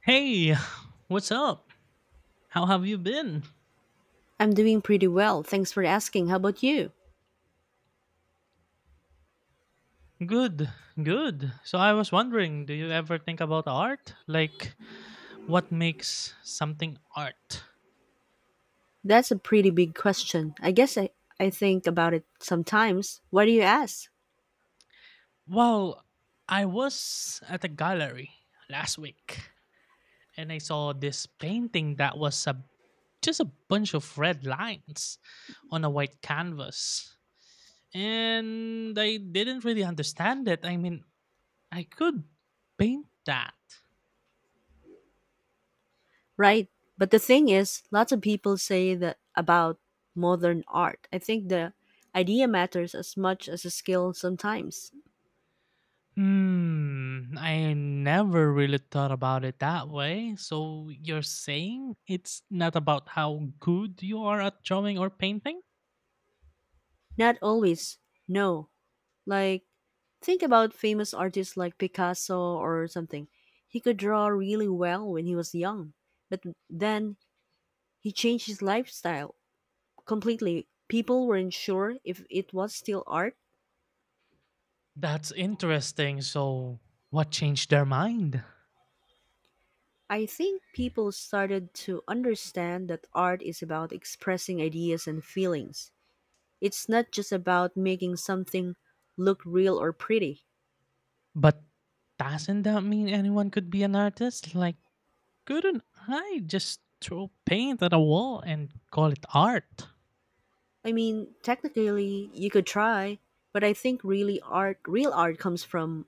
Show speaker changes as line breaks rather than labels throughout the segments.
Hey, what's up? How have you been?
I'm doing pretty well. Thanks for asking. How about you?
Good, good. So I was wondering, do you ever think about art? Like, what makes something art?
That's a pretty big question. I guess I think about it sometimes. Why do you ask?
Well, I was at a gallery last week and I saw this painting that was just a bunch of red lines on a white canvas. And I didn't really understand it. I could paint that.
Right. But the thing is, lots of people say that about modern art. I think the idea matters as much as the skill sometimes.
I never really thought about it that way. So you're saying it's not about how good you are at drawing or painting?
Not always. No. Like, think about famous artists like Picasso or something. He could draw really well when he was young, but then he changed his lifestyle completely. People weren't sure if it was still art.
That's interesting. So what changed their mind?
I think people started to understand that art is about expressing ideas and feelings. It's not just about making something look real or pretty.
But doesn't that mean anyone could be an artist? Like, couldn't I just throw paint at a wall and call it art?
I mean, technically, you could try, but I think really art, real art comes from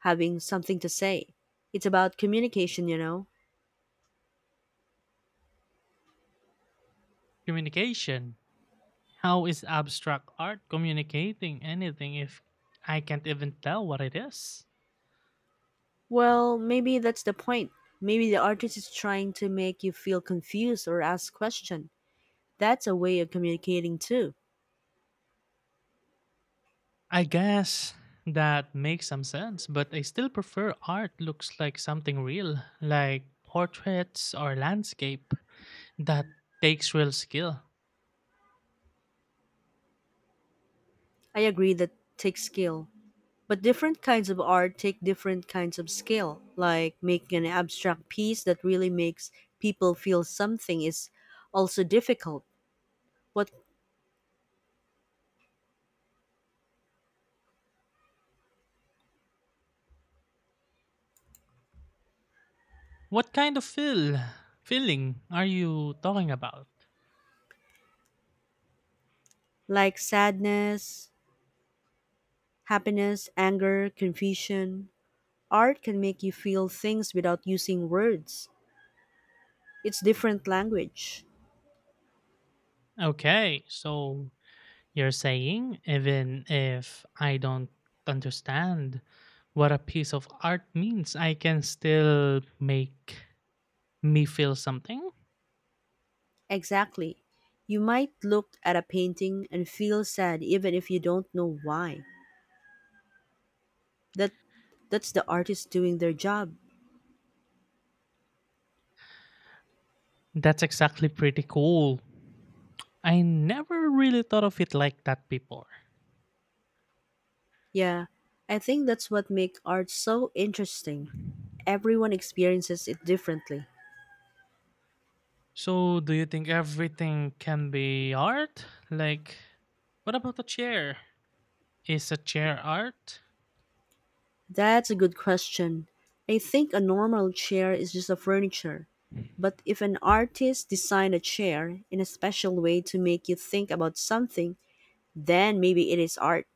having something to say. It's about communication, you know?
Communication. How is abstract art communicating anything if I can't even tell what it is?
Well, maybe that's the point. Maybe the artist is trying to make you feel confused or ask questions. That's a way of communicating too.
I guess that makes some sense, but I still prefer art looks like something real, like portraits or landscape that takes real skill.
I agree that takes skill. But different kinds of art take different kinds of skill. Like making an abstract piece that really makes people feel something is also difficult. What
What kind of feeling are you talking about?
like sadness, happiness, anger, confusion. Art can make you feel things without using words. It's different language.
Okay, so you're saying even if I don't understand what a piece of art means, I can still make me feel something?
Exactly. You might look at a painting and feel sad even if you don't know why. That that's the artist doing their job.
That's exactly pretty cool. I never really thought of it like that before.
Yeah. I think that's what makes art so interesting. Everyone experiences it differently.
So, do you think everything can be art? Like, what about a chair? Is a chair art?
That's a good question. I think a normal chair is just a furniture. But if an artist designed a chair in a special way to make you think about something, then maybe it is art.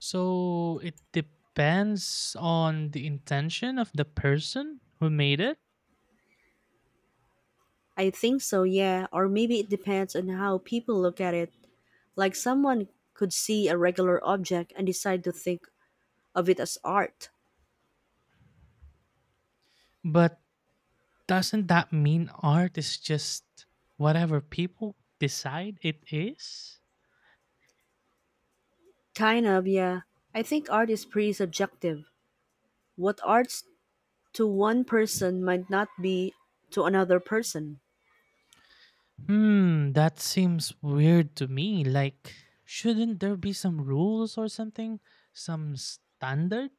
So, it depends on the intention of the person who made it.
I think so, yeah, or maybe it depends on how people look at it. Like someone could see a regular object and decide to think of it as art.
But doesn't that mean art is just whatever people decide it is?
Kind of, yeah. I think art is pretty subjective. What art's to one person might not be to another person.
That seems weird to me. Like, shouldn't there be some rules or something? Some standard?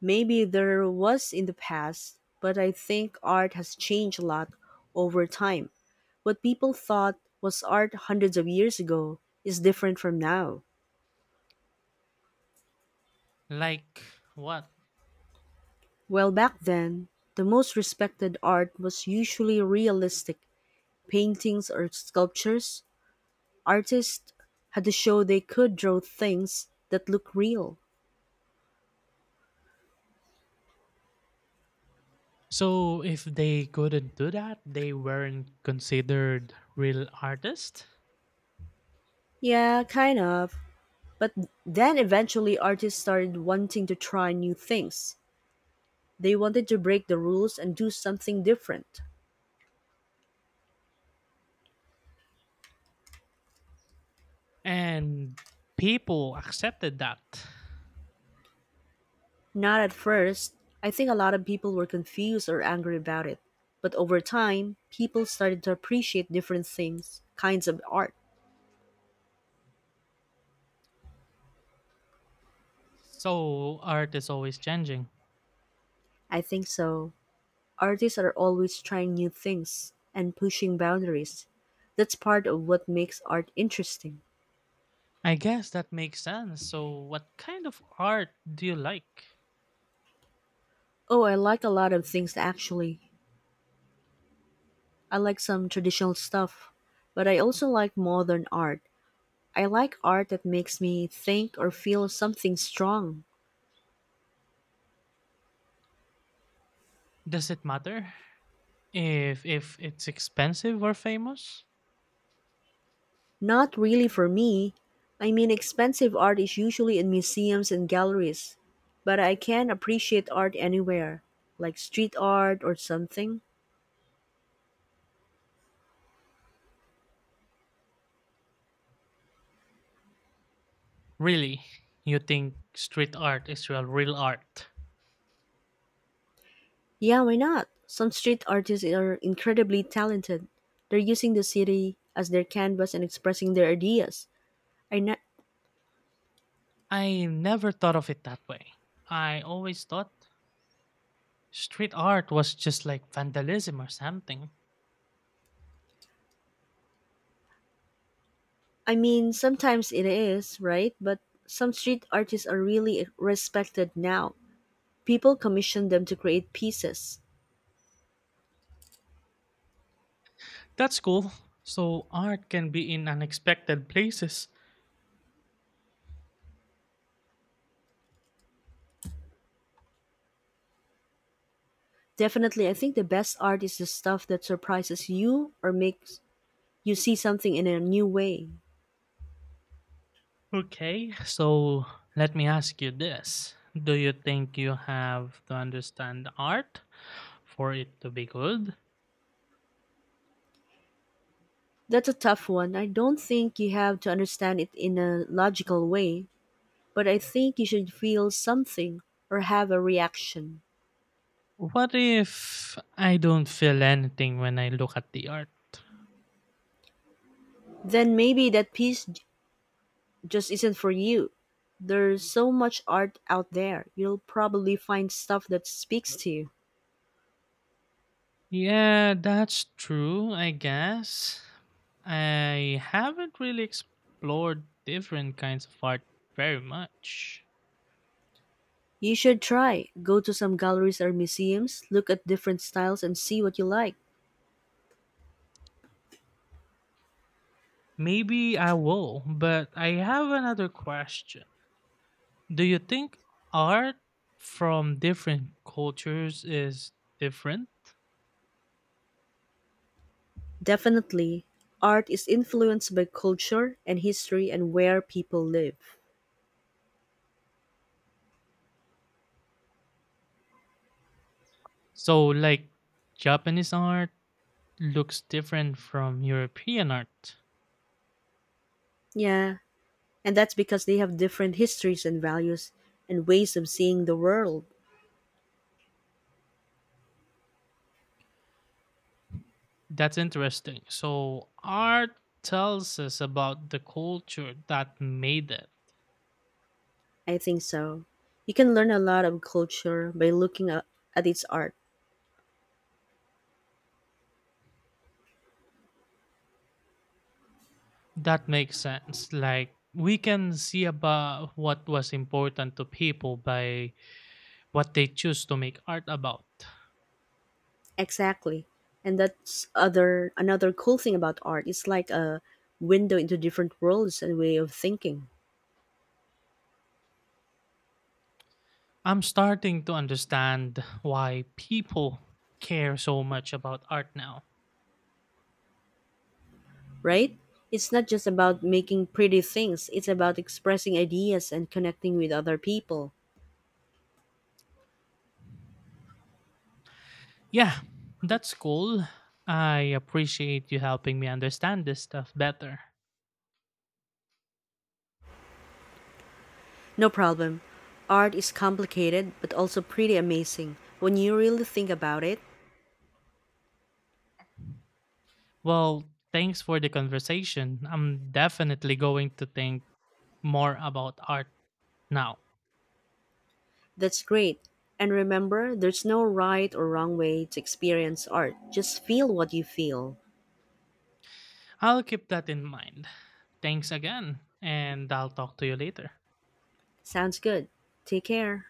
Maybe there was in the past, but I think art has changed a lot over time. What people thought was art hundreds of years ago is different from now.
Like, what?
Well, back then, the most respected art was usually realistic paintings or sculptures. Artists had to show they could draw things that look real.
So, if they couldn't do that, they weren't considered real artists?
Yeah, kind of. But then eventually artists started wanting to try new things. They wanted to break the rules and do something different.
And people accepted that.
Not at first, I think a lot of people were confused or angry about it. But over time, people started to appreciate different things, kinds of art.
So, art is always changing.
I think so. Artists are always trying new things and pushing boundaries. That's part of what makes art interesting.
I guess that makes sense. So what kind of art do you like?
Oh, I like a lot of things actually. I like some traditional stuff, but I also like modern art. I like art that makes me think or feel something strong.
Does it matter if it's expensive or famous?
Not really for me. I mean, expensive art is usually in museums and galleries, but I can appreciate art anywhere, like street art or something.
Really? You think street art is real art?
Yeah, why not? Some street artists are incredibly talented. They're using the city as their canvas and expressing their ideas. I, na-
I never thought of it that way. I always thought street art was just like vandalism or something.
I mean, sometimes it is, right? But some street artists are really respected now. People commission them to create pieces.
That's cool. So art can be in unexpected places.
Definitely, I think the best art is the stuff that surprises you or makes you see something in a new way.
Okay, so let me ask you this. Do you think you have to understand art for it to be good?
That's a tough one. I don't think you have to understand it in a logical way, but I think you should feel something or have a reaction.
What if I don't feel anything when I look at the art?
Then maybe that piece just isn't for you. There's so much art out there. You'll probably find stuff that speaks to you.
Yeah, that's true, I guess. I haven't really explored different kinds of art very much.
You should try. Go to some galleries or museums, look at different styles, and see what you like.
Maybe I will, but I have another question. Do you think art from different cultures is different?
Definitely, art is influenced by culture and history and where people live.
So, like, Japanese art looks different from European art.
Yeah, and that's because they have different histories and values and ways of seeing the world.
That's interesting. So art tells us about the culture that made it.
I think so. You can learn a lot of culture by looking at its art.
That makes sense. Like we can see about what was important to people by what they choose to make art about.
Exactly. And that's other another cool thing about art. It's like a window into different worlds and way of thinking,
I'm starting to understand why people care so much about art now.
right? It's not just about making pretty things, it's about expressing ideas and connecting with other people.
Yeah, that's cool. I appreciate you helping me understand this stuff better.
No problem. Art is complicated but also pretty amazing. When you really think about it,
Well, thanks for the conversation. I'm definitely going to think more about art now.
that's great. And remember, there's no right or wrong way to experience art. Just feel what you feel.
I'll keep that in mind. Thanks again, and I'll talk to you later.
Sounds good. Take care.